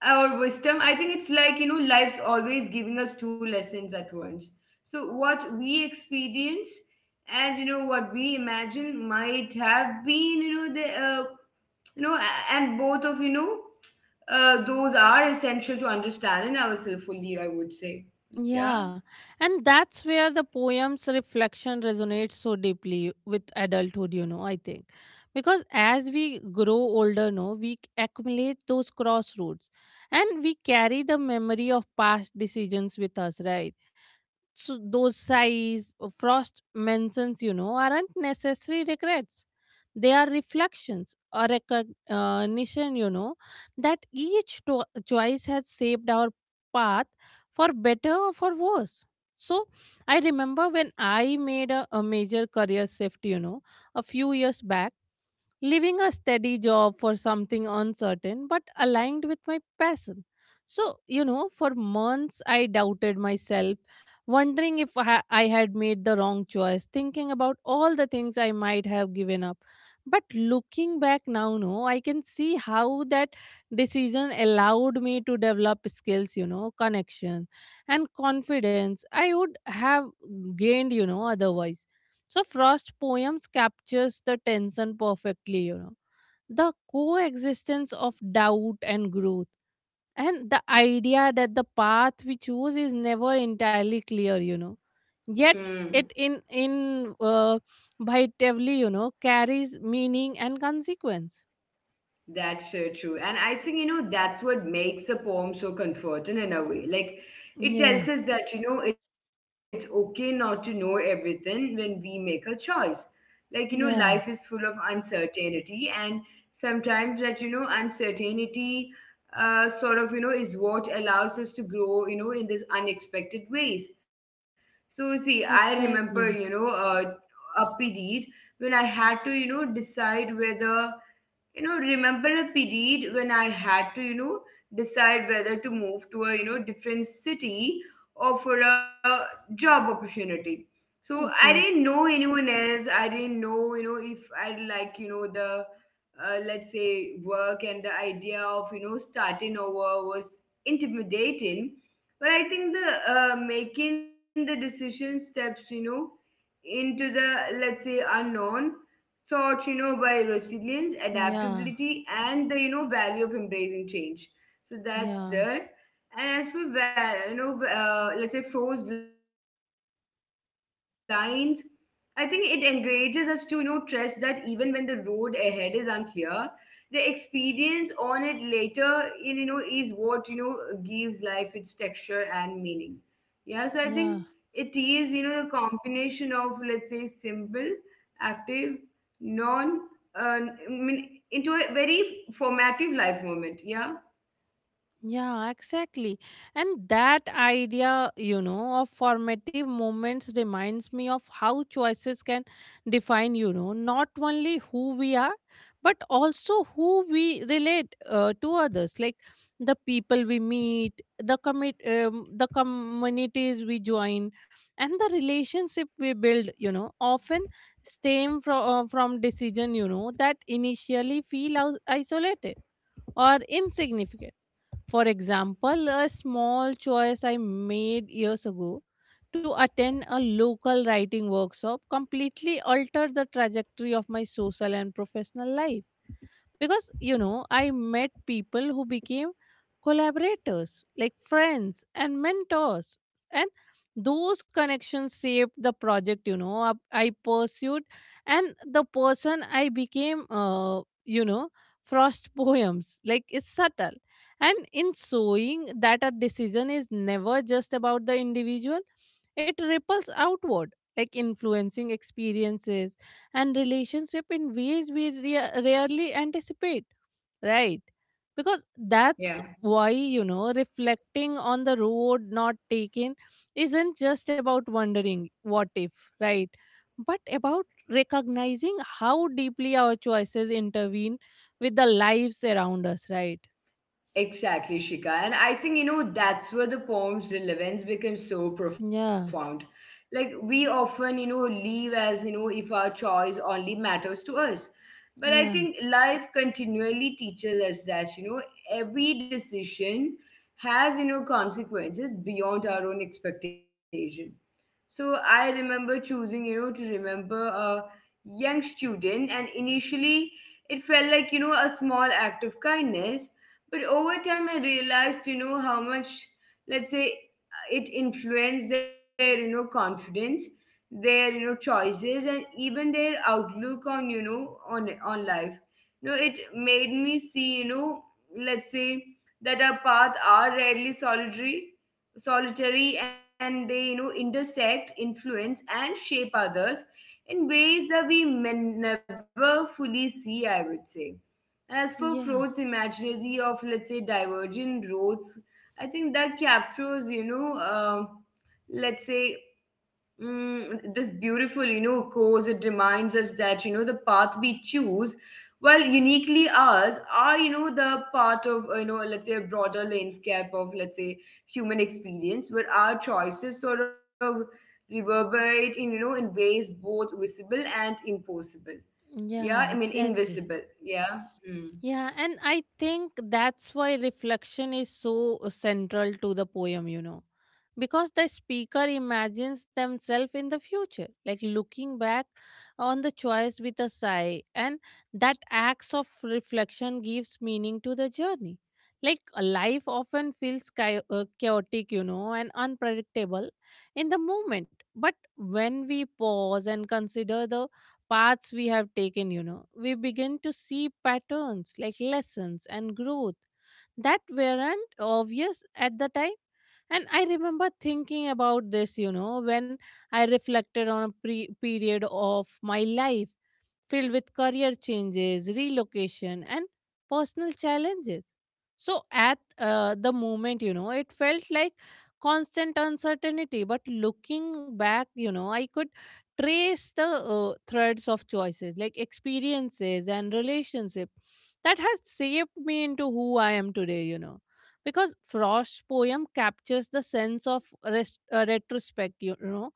B: our wisdom. I think it's like, life's always giving us two lessons at once. So what we experience, and what we imagine might have been, the, and both of, those are essential to understanding ourselves fully, I would say. Yeah.
A: Yeah. And that's where the poem's reflection resonates so deeply with adulthood, you know, I think. Because as we grow older, no, we accumulate those crossroads and we carry the memory of past decisions with us, right? So those sighs or Frost mentions, you know, aren't necessary regrets. They are reflections or recognition, you know, that choice has shaped our path for better or for worse. So I remember when I made a major career shift, you know, a few years back, leaving a steady job for something uncertain but aligned with my passion. So, you know, for months I doubted myself, wondering if I had made the wrong choice, thinking about all the things I might have given up. But looking back now, no, I can see how that decision allowed me to develop skills, you know, connections and confidence I would have gained, you know, otherwise. So Frost poems captures the tension perfectly, you know. The coexistence of doubt and growth and the idea that the path we choose is never entirely clear, you know. Yet
B: Hmm.
A: it in vitably, you know, carries meaning and consequence.
B: That's so true. And I think, that's what makes a poem so comforting in a way. Like, it tells
A: Yeah.
B: us that, it's okay not to know everything when we make a choice. Like, life is full of
A: Yeah.
B: uncertainty, and sometimes that, uncertainty sort of, is what allows us to grow, in this unexpected ways. So, see, I remember, you know,
A: Exactly.
B: uh, a period when I had to, decide whether remember a period when I had to decide whether to move to a different city or for a job opportunity. So I didn't
A: Okay.
B: know anyone else. I didn't know if I'd like the let's say, work, and the idea of starting over was intimidating. But I think the making the decision steps into the, let's say, unknown thought by resilience,
A: Yeah.
B: adaptability, and the value of embracing change. So that's
A: Yeah.
B: there. And as for let's say, Froze lines, I think it encourages us to trust that even when the road ahead is unclear, the experience on it later in is what gives life its texture and meaning. Yeah. So I think it
A: Yeah.
B: is, a combination of, let's say, simple, active, non, uh, I mean, into a very formative life moment. Yeah.
A: Yeah, exactly. And that idea, you know, of formative moments reminds me of how choices can define, you know, not only who we are, but also who we relate to others, like the people we meet, the the communities we join, and the relationship we build. You know, often stem from decision, you know, that initially feel isolated or insignificant. For example, a small choice I made years ago to attend a local writing workshop completely altered the trajectory of my social and professional life, because you know I met people who became collaborators like friends and mentors, and those connections shaped the project, you know, I pursued, and the person I became, you know. Frost poems, like it's subtle and in showing that a decision is never just about the individual, it ripples outward like influencing experiences and relationship in ways we rarely anticipate, right? Because that's
B: Yeah.
A: why, you know, reflecting on the road not taken isn't just about wondering what if, right? But about recognizing how deeply our choices intervene with the lives around us, right?
B: Exactly, Shika. And I think, that's where the poem's relevance becomes so profound.
A: Yeah,
B: Like, we often, leave as, if our choice only matters to us. But I
A: yeah,
B: think life continually teaches us that, every decision has, consequences beyond our own expectation. So I remember choosing, to remember a young student, and initially it felt like, a small act of kindness. But over time, I realized, how much, let's say, it influenced their, confidence, their, choices, and even their outlook on, on life. It made me see, let's say, that our paths are rarely solitary, solitary, and they, intersect, influence, and shape others in ways that we may never fully see, I would say. And as for
A: yeah,
B: Freud's imaginary of, let's say, divergent roads, I think that captures, let's say, mm, this beautiful, course. It reminds us that, the path we choose, well, uniquely ours, are, the part of, let's say, a broader landscape of, let's say, human experience, where our choices sort of reverberate in, in ways both visible and impossible. Yeah, I
A: yeah,
B: mean,
A: exactly.
B: invisible. Yeah. Mm.
A: Yeah, and I think that's why reflection is so central to the poem, you know, because the speaker imagines themselves in the future, like looking back on the choice with a sigh, and that acts of reflection gives meaning to the journey. Like life often feels chaotic, you know, and unpredictable in the moment, but when we pause and consider the paths we have taken, you know, we begin to see patterns like lessons and growth that weren't obvious at the time. And I remember thinking about this, you know, when I reflected on a period of my life filled with career changes, relocation, and personal challenges. So, at the moment, you know, it felt like constant uncertainty. But looking back, you know, I could trace the threads of choices, like experiences and relationship that has shaped me into who I am today, you know. Because Frost's poem captures the sense of rest, retrospect, you know,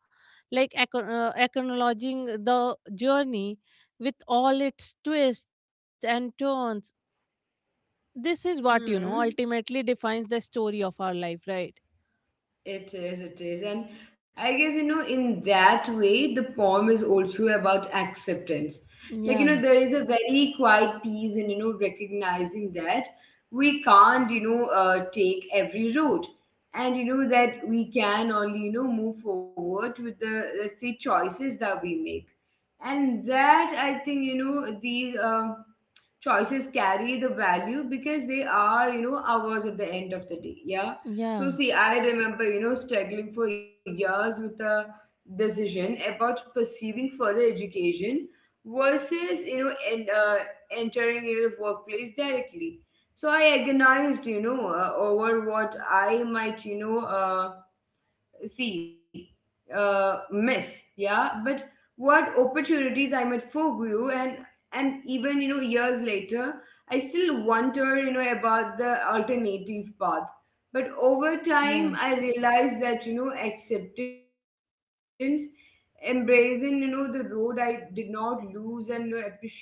A: like acknowledging the journey with all its twists and turns. This is what, you know, ultimately
B: Hmm.
A: defines the story of our life, right?
B: It is, it is. And I guess, in that way, the poem is also about acceptance. Like, you
A: Yeah,
B: know, there is a very quiet peace in, recognizing that we can't, take every road. And, that we can only, move forward with the, let's say, choices that we make. And that, I think, the, choices carry the value because they are ours at the end of the day. Yeah. So
A: yeah,
B: see, I remember struggling for years with a decision about pursuing further education versus and entering the workplace directly. So I agonized over what I might see miss, yeah, but what opportunities I might forgo. And even years later, I still wonder about the alternative path. But over time
A: yeah.
B: I realized that acceptance, embracing the road I did not lose, and appreciating what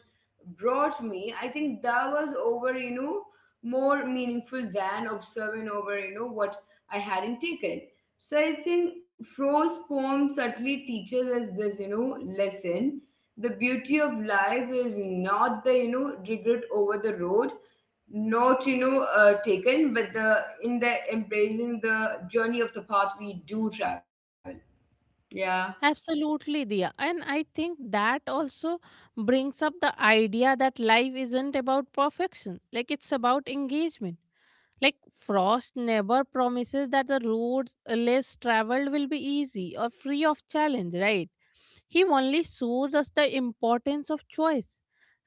B: brought me, I think that was over more meaningful than observing over what I hadn't taken. So I think Fro's poem subtly teaches us this, lesson. The beauty of life is not the, regret over the road, not, taken, but the in the embracing the journey of the path we do travel. Yeah.
A: Absolutely, Dia. And I think that also brings up the idea that life isn't about perfection, like, it's about engagement. Like, Frost never promises that the roads less traveled will be easy or free of challenge, right? He only shows us the importance of choice,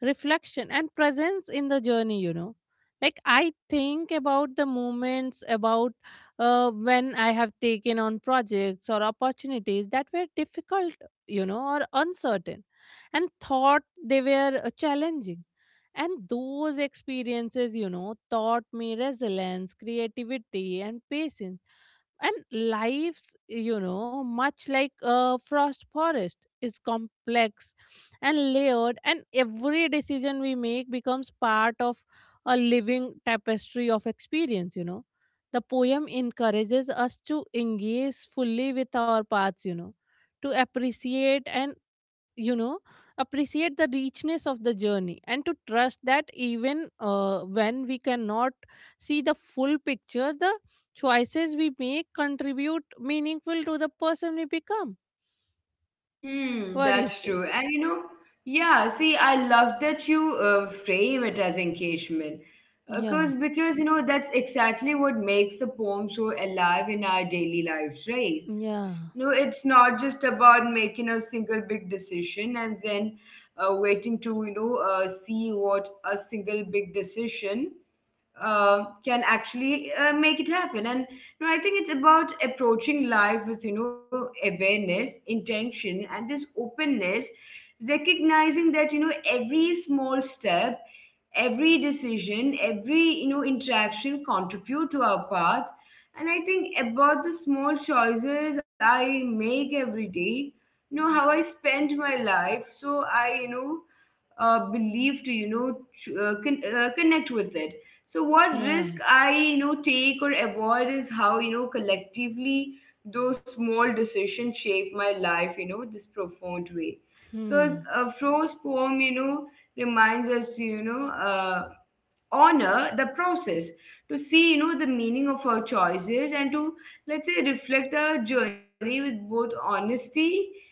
A: reflection, and presence in the journey, you know. Like, I think about the moments about when I have taken on projects or opportunities that were difficult, you know, or uncertain, and thought they were challenging. And those experiences, you know, taught me resilience, creativity, and patience and lives, you know, much like a frost forest, is complex and layered, and every decision we make becomes part of a living tapestry of experience, you know. The poem encourages us to engage fully with our paths, you know, to appreciate and you know appreciate the richness of the journey and to trust that even when we cannot see the full picture the choices we make contribute meaningful to the person we become.
B: Hmm,
A: What do you
B: that's
A: say?
B: true. And you know, yeah, see, I love that you frame it as engagement.
A: Yeah,
B: Because, because, that's exactly what makes the poem so alive in our daily lives, right?
A: yeah,
B: No, it's not just about making a single big decision and then waiting to, see what a single big decision can actually make it happen. And I think it's about approaching life with awareness, intention, and this openness, recognizing that every small step, every decision, every interaction contribute to our path. And I think about the small choices I make every day how I spend my life. So I believe to connect with it. So what
A: yeah.
B: risk I take or avoid is how collectively those small decisions shape my life this profound way. Because
A: Hmm.
B: Fro's poem reminds us to honor the process, to see the meaning of our choices, and to, let's say, reflect our journey with both honesty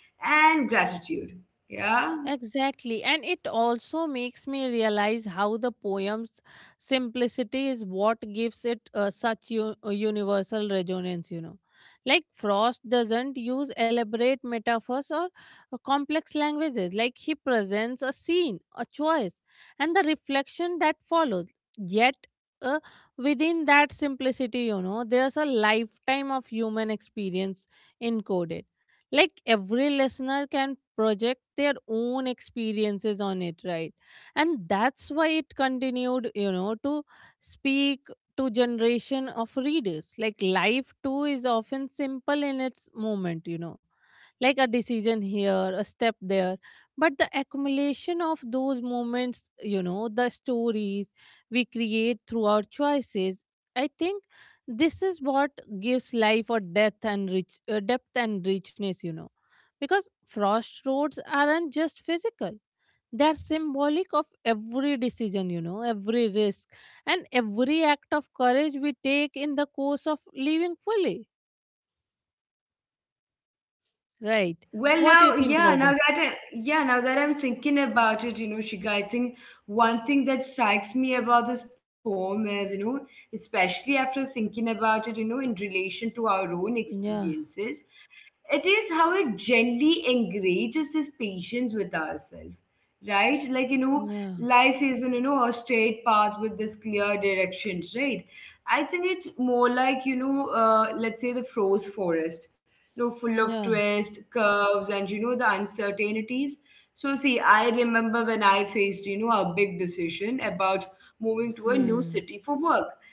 B: and gratitude. Yeah.
A: Exactly. And it also makes me realize how the poem's simplicity is what gives it universal resonance, you know. Like Frost doesn't use elaborate metaphors or complex languages. Like he presents a scene, a choice, and the reflection that follows. Yet, uh, within that simplicity, you know, there's a lifetime of human experience encoded, like every listener can project their own experiences on it, right? And that's why it continued, you know, to speak to generation of readers. Like life too is often simple in its moment, you know, like a decision here, a step there. But the accumulation of those moments, you know, the stories we create through our choices, I think this is what gives life a depth and richness, you know, because frost roads aren't just physical. They are symbolic of every decision, you know, every risk and every act of courage we take in the course of living fully. Right.
B: Well
A: What do you
B: now,
A: think
B: yeah,
A: about
B: now
A: that?
B: that I, yeah, now that I'm thinking about it, you know, Shika, I think one thing that strikes me about this poem is, you know, especially after thinking about it in relation to our own
A: Yeah.
B: experiences, it is how it gently engages this patience with ourselves, right? Like
A: Yeah,
B: life isn't a straight path with this clear directions, right? I think it's more like let's say, the Froze forest, you know, full of
A: yeah.
B: twists, curves, and the uncertainties. So see, I remember when I faced a big decision about moving to a new
A: Hmm,
B: city for work.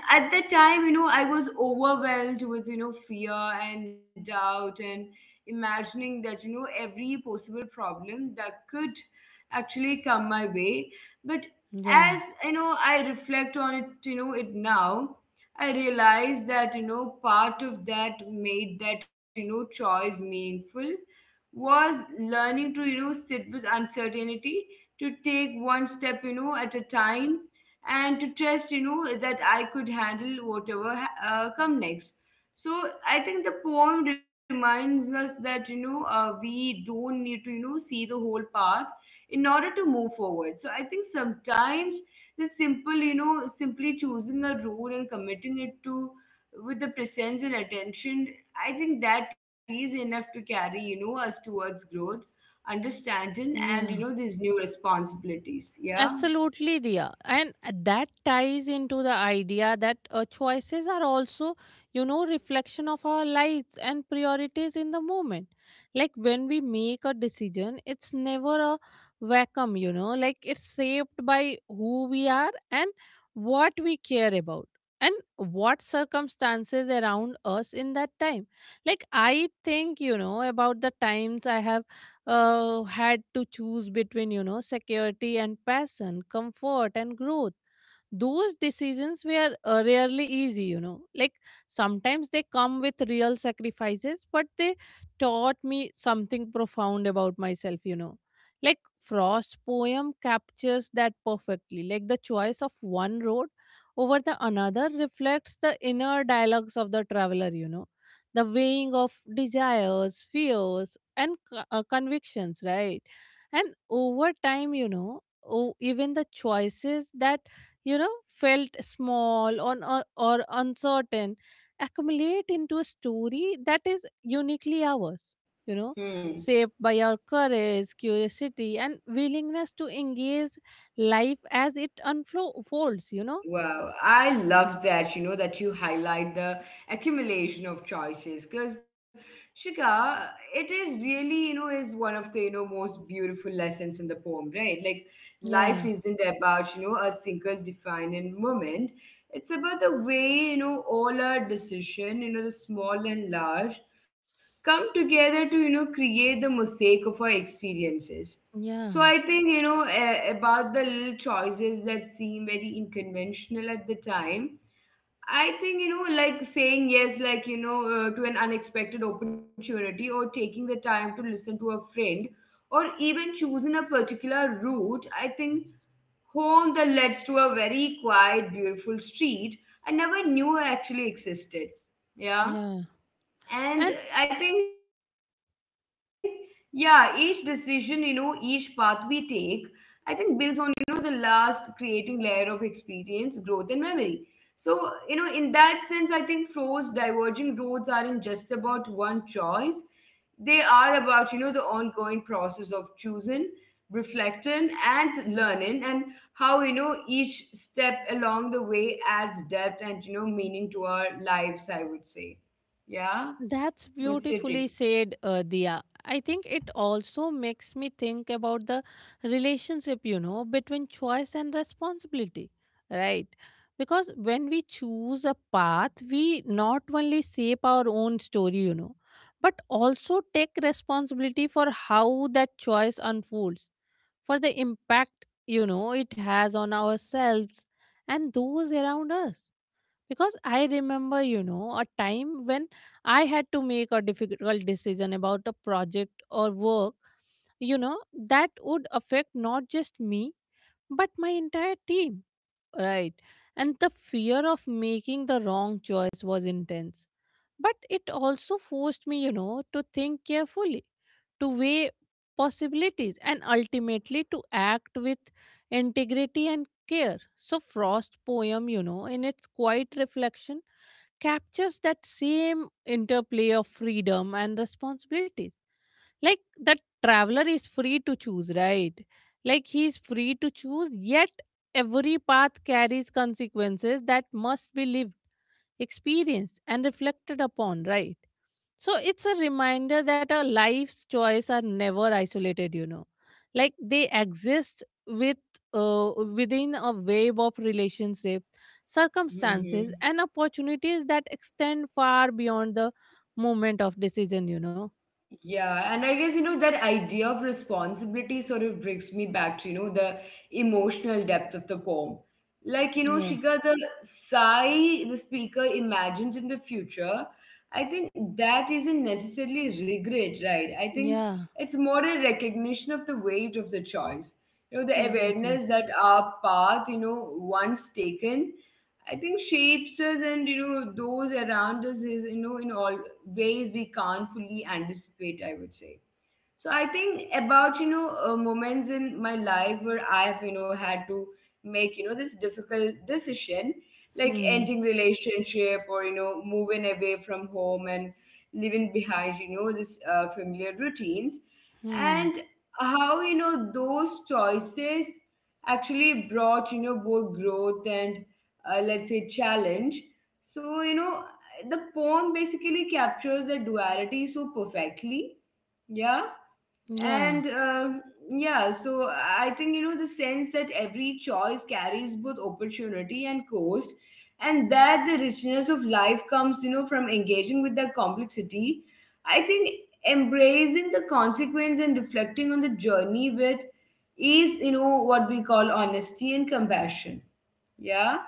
B: And at that time I was overwhelmed with fear and doubt, and imagining that every possible problem that could actually come my way. But
A: yeah,
B: as I reflect on it it now, I realize that part of that made that choice meaningful was learning to sit with uncertainty, to take one step at a time, and to trust that I could handle whatever come next. So I think the poem reminds us that we don't need to see the whole path in order to move forward. So I think sometimes the simple, simply choosing a road and committing it to with the presence and attention, I think that is enough to carry us towards growth, understanding, and
A: yeah.
B: these new responsibilities. Yeah.
A: Absolutely, Dia. And that ties into the idea that choices are also, you know, reflection of our lives and priorities in the moment. Like when we make a decision, it's never a vacuum, you know, like it's shaped by who we are and what we care about and what circumstances around us in that time. Like I think, you know, about the times I have had to choose between, you know, security and passion, comfort and growth. Those decisions were rarely easy, you know, like sometimes they come with real sacrifices, but they taught me something profound about myself, you know. Like Frost's poem captures that perfectly, like the choice of one road over the another reflects the inner dialogues of the traveler, you know, the weighing of desires, fears, and convictions, right? And over time, you know, oh, even the choices that, you know, felt small on, or uncertain, accumulate into a story that is uniquely ours, you know,
B: Hmm.
A: shaped by our courage, curiosity, and willingness to engage life as it unfolds, you know.
B: Wow, I love that, that you highlight the accumulation of choices, because Shika, it is really, is one of the, most beautiful lessons in the poem, right? Like
A: Yeah.
B: life isn't about, a single defining moment. It's about the way, all our decision, the small and large, come together to, create the mosaic of our experiences. So I
A: Yeah.
B: think, about the little choices that seem very unconventional at the time. I think, like saying yes, like, to an unexpected opportunity, or taking the time to listen to a friend, or even choosing a particular route. I think home that leads to a very quiet, beautiful street I never knew actually existed.
A: Yeah.
B: Yeah.
A: And
B: And I think, yeah, each decision, each path we take, I think builds on, the last, creating layer of experience, growth, and memory. So, in that sense, I think Fro's diverging roads aren't just about one choice. They are about, the ongoing process of choosing, reflecting, and learning, and how, each step along the way adds depth and, meaning to our lives, I would say. Yeah.
A: that's
B: What's your
A: beautifully
B: take?
A: said, Diya. I think it also makes me think about the relationship, you know, between choice and responsibility, right? Because when we choose a path, we not only shape our own story, you know, but also take responsibility for how that choice unfolds, for the impact, you know, it has on ourselves and those around us. Because I remember, you know, a time when I had to make a difficult decision about a project or work, you know, that would affect not just me but my entire team, right? And the fear of making the wrong choice was intense, but it also forced me, you know, to think carefully, to weigh possibilities, and ultimately to act with integrity and care. So frost poem, you know, in its quiet reflection, captures that same interplay of freedom and responsibility. Like that traveler is free to choose, right? Like he's free to choose, yet every path carries consequences that must be lived, experienced, and reflected upon, right? So it's a reminder that our life's choice are never isolated, you know. Like they exist with within a wave of relationship, circumstances,
B: Hmm.
A: and opportunities that extend far beyond the moment of decision, you know.
B: Yeah, and I guess that idea of responsibility sort of brings me back to the emotional depth of the poem. Like
A: Yeah.
B: Shika, the sigh the speaker imagines in the future. I think that isn't necessarily regret, right? I think
A: Yeah,
B: it's more a recognition of the weight of the choice. You know, the
A: exactly.
B: awareness that our path, once taken, I think shapes us and those around us is in all ways we can't fully anticipate, I would say. So I think about moments in my life where I have had to make this difficult decision, like
A: Hmm.
B: ending relationship or moving away from home and leaving behind this familiar routines,
A: Hmm.
B: and how those choices actually brought both growth and let's say, challenge. So the poem basically captures the duality so perfectly. Yeah.
A: Yeah.
B: And um, yeah, so I think the sense that every choice carries both opportunity and cost, and that the richness of life comes from engaging with that complexity, I think, embracing the consequence and reflecting on the journey with is what we call honesty and compassion. Yeah.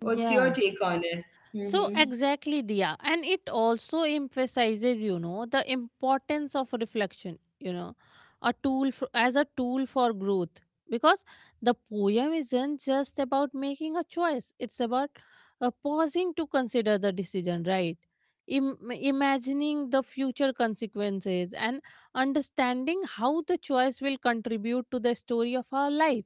B: What's your
A: Yeah.
B: take on it?
A: So
B: Hmm.
A: exactly, Diya, and it also emphasizes, you know, the importance of reflection. You know, as a tool for growth, because the poem isn't just about making a choice; it's about pausing to consider the decision, right? Imagining the future consequences and understanding how the choice will contribute to the story of our life.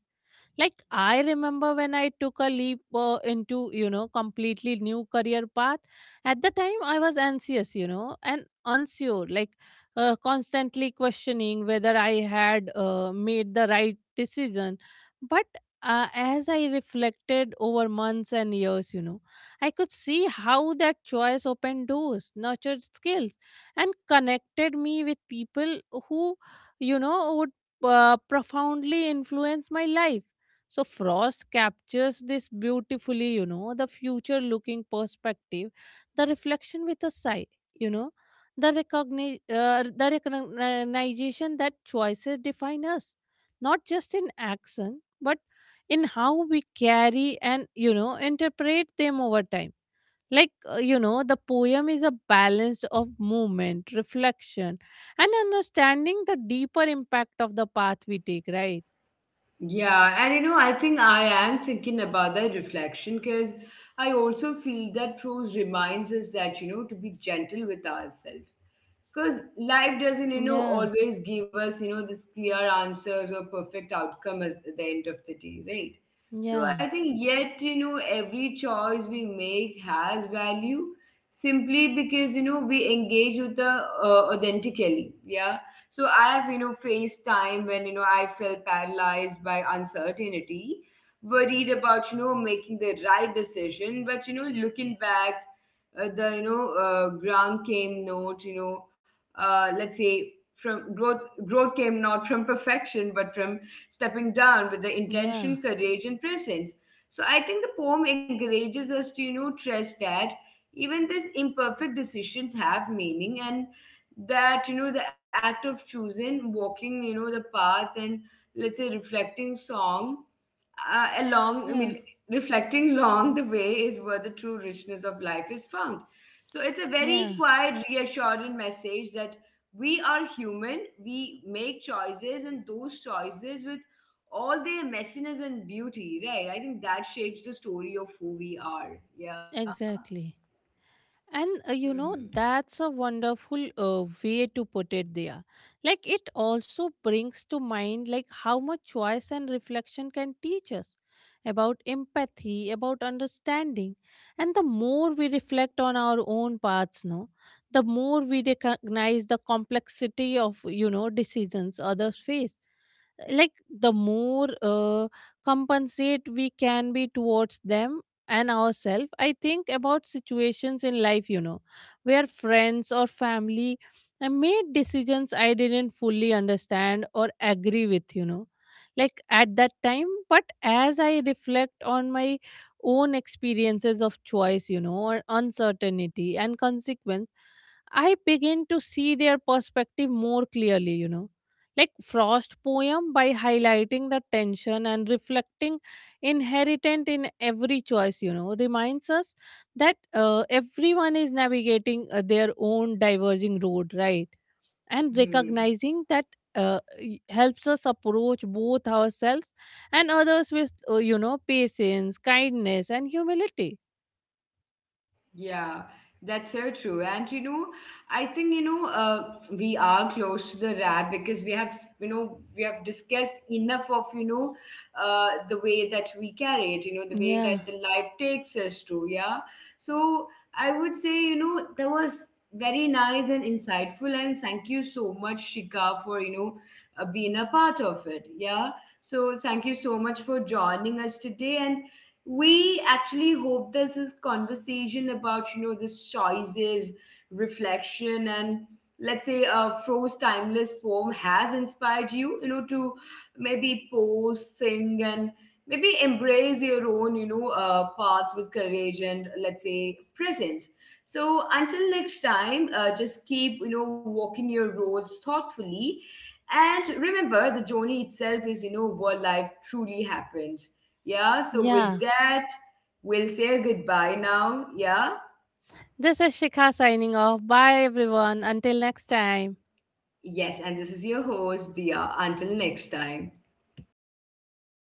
A: Like I remember when I took a leap into, you know, completely new career path. At the time I was anxious, you know, and unsure, like constantly questioning whether I had made the right decision. But as I reflected over months and years, you know, I could see how that choice opened doors, nurtured skills, and connected me with people who, you know, would profoundly influence my life. So Frost captures this beautifully, you know, the future looking perspective, the reflection with a sigh, you know, the recognition that choices define us, not just in action, but in how we carry and, you know, interpret them over time. Like, you know, the poem is a balance of movement, reflection, and understanding the deeper impact of the path we take, right?
B: Yeah, and you know, I think I am thinking about that reflection because I also feel that prose reminds us that, to be gentle with ourselves, because life doesn't
A: Yeah,
B: always give us this clear answers or perfect outcome at the end of the day, right? So
A: yeah.
B: I think, yet every choice we make has value simply because we engage with the authentically. Yeah. So I have faced time when I felt paralyzed by uncertainty, worried about making the right decision. But looking back the ground came note let's say, from growth. Growth came not from perfection but from stepping down with the
A: Yeah,
B: intention, courage, and presence. So I think the poem encourages us to trust that even these imperfect decisions have meaning, and that the act of choosing, walking the path, and, let's say, reflecting song along, I mean,
A: yeah,
B: reflecting long the way is where the true richness of life is found. So it's a very
A: yeah,
B: quiet, reassuring message that we are human, we make choices, and those choices with all their messiness and beauty, right? I think that shapes the story of who we are. Yeah.
A: exactly. And
B: Mm-hmm.
A: you know, that's a wonderful way to put it there. Like, it also brings to mind like how much choice and reflection can teach us about empathy, about understanding. And the more we reflect on our own paths, no, the more we recognize the complexity of, you know, decisions others face, like the more compensate we can be towards them and ourselves. I think about situations in life, you know, where friends or family made decisions I didn't fully understand or agree with, you know, like at that time. But as I reflect on my own experiences of choice, you know, or uncertainty and consequence, I begin to see their perspective more clearly, you know. Like Frost poem, by highlighting the tension and reflecting inherent in every choice, you know, reminds us that everyone is navigating their own diverging road, right? And recognizing that helps us approach both ourselves and others with, you know, patience, kindness, and humility.
B: Yeah, that's so true. And you know, I think you know, we are close to the wrap, because we have, we have discussed enough of the way that we carry it. You know, the way
A: Yeah,
B: that the life takes us to. Yeah. So I would say that was very nice and insightful, and thank you so much, Shika, for being a part of it. Yeah. So thank you so much for joining us today, and we actually hope this is conversation about this choices, reflection, and, let's say, a Froze timeless poem has inspired you you know to maybe pose sing, and maybe embrace your own paths with courage and, let's say, presence. So until next time just keep walking your roads thoughtfully, and remember the journey itself is where life truly happens. Yeah, so with
A: yeah.
B: that, we'll say goodbye now. Yeah?
A: This is Shikha signing off. Bye everyone, until next time.
B: Yes, and this is your host, Dia. Until next time.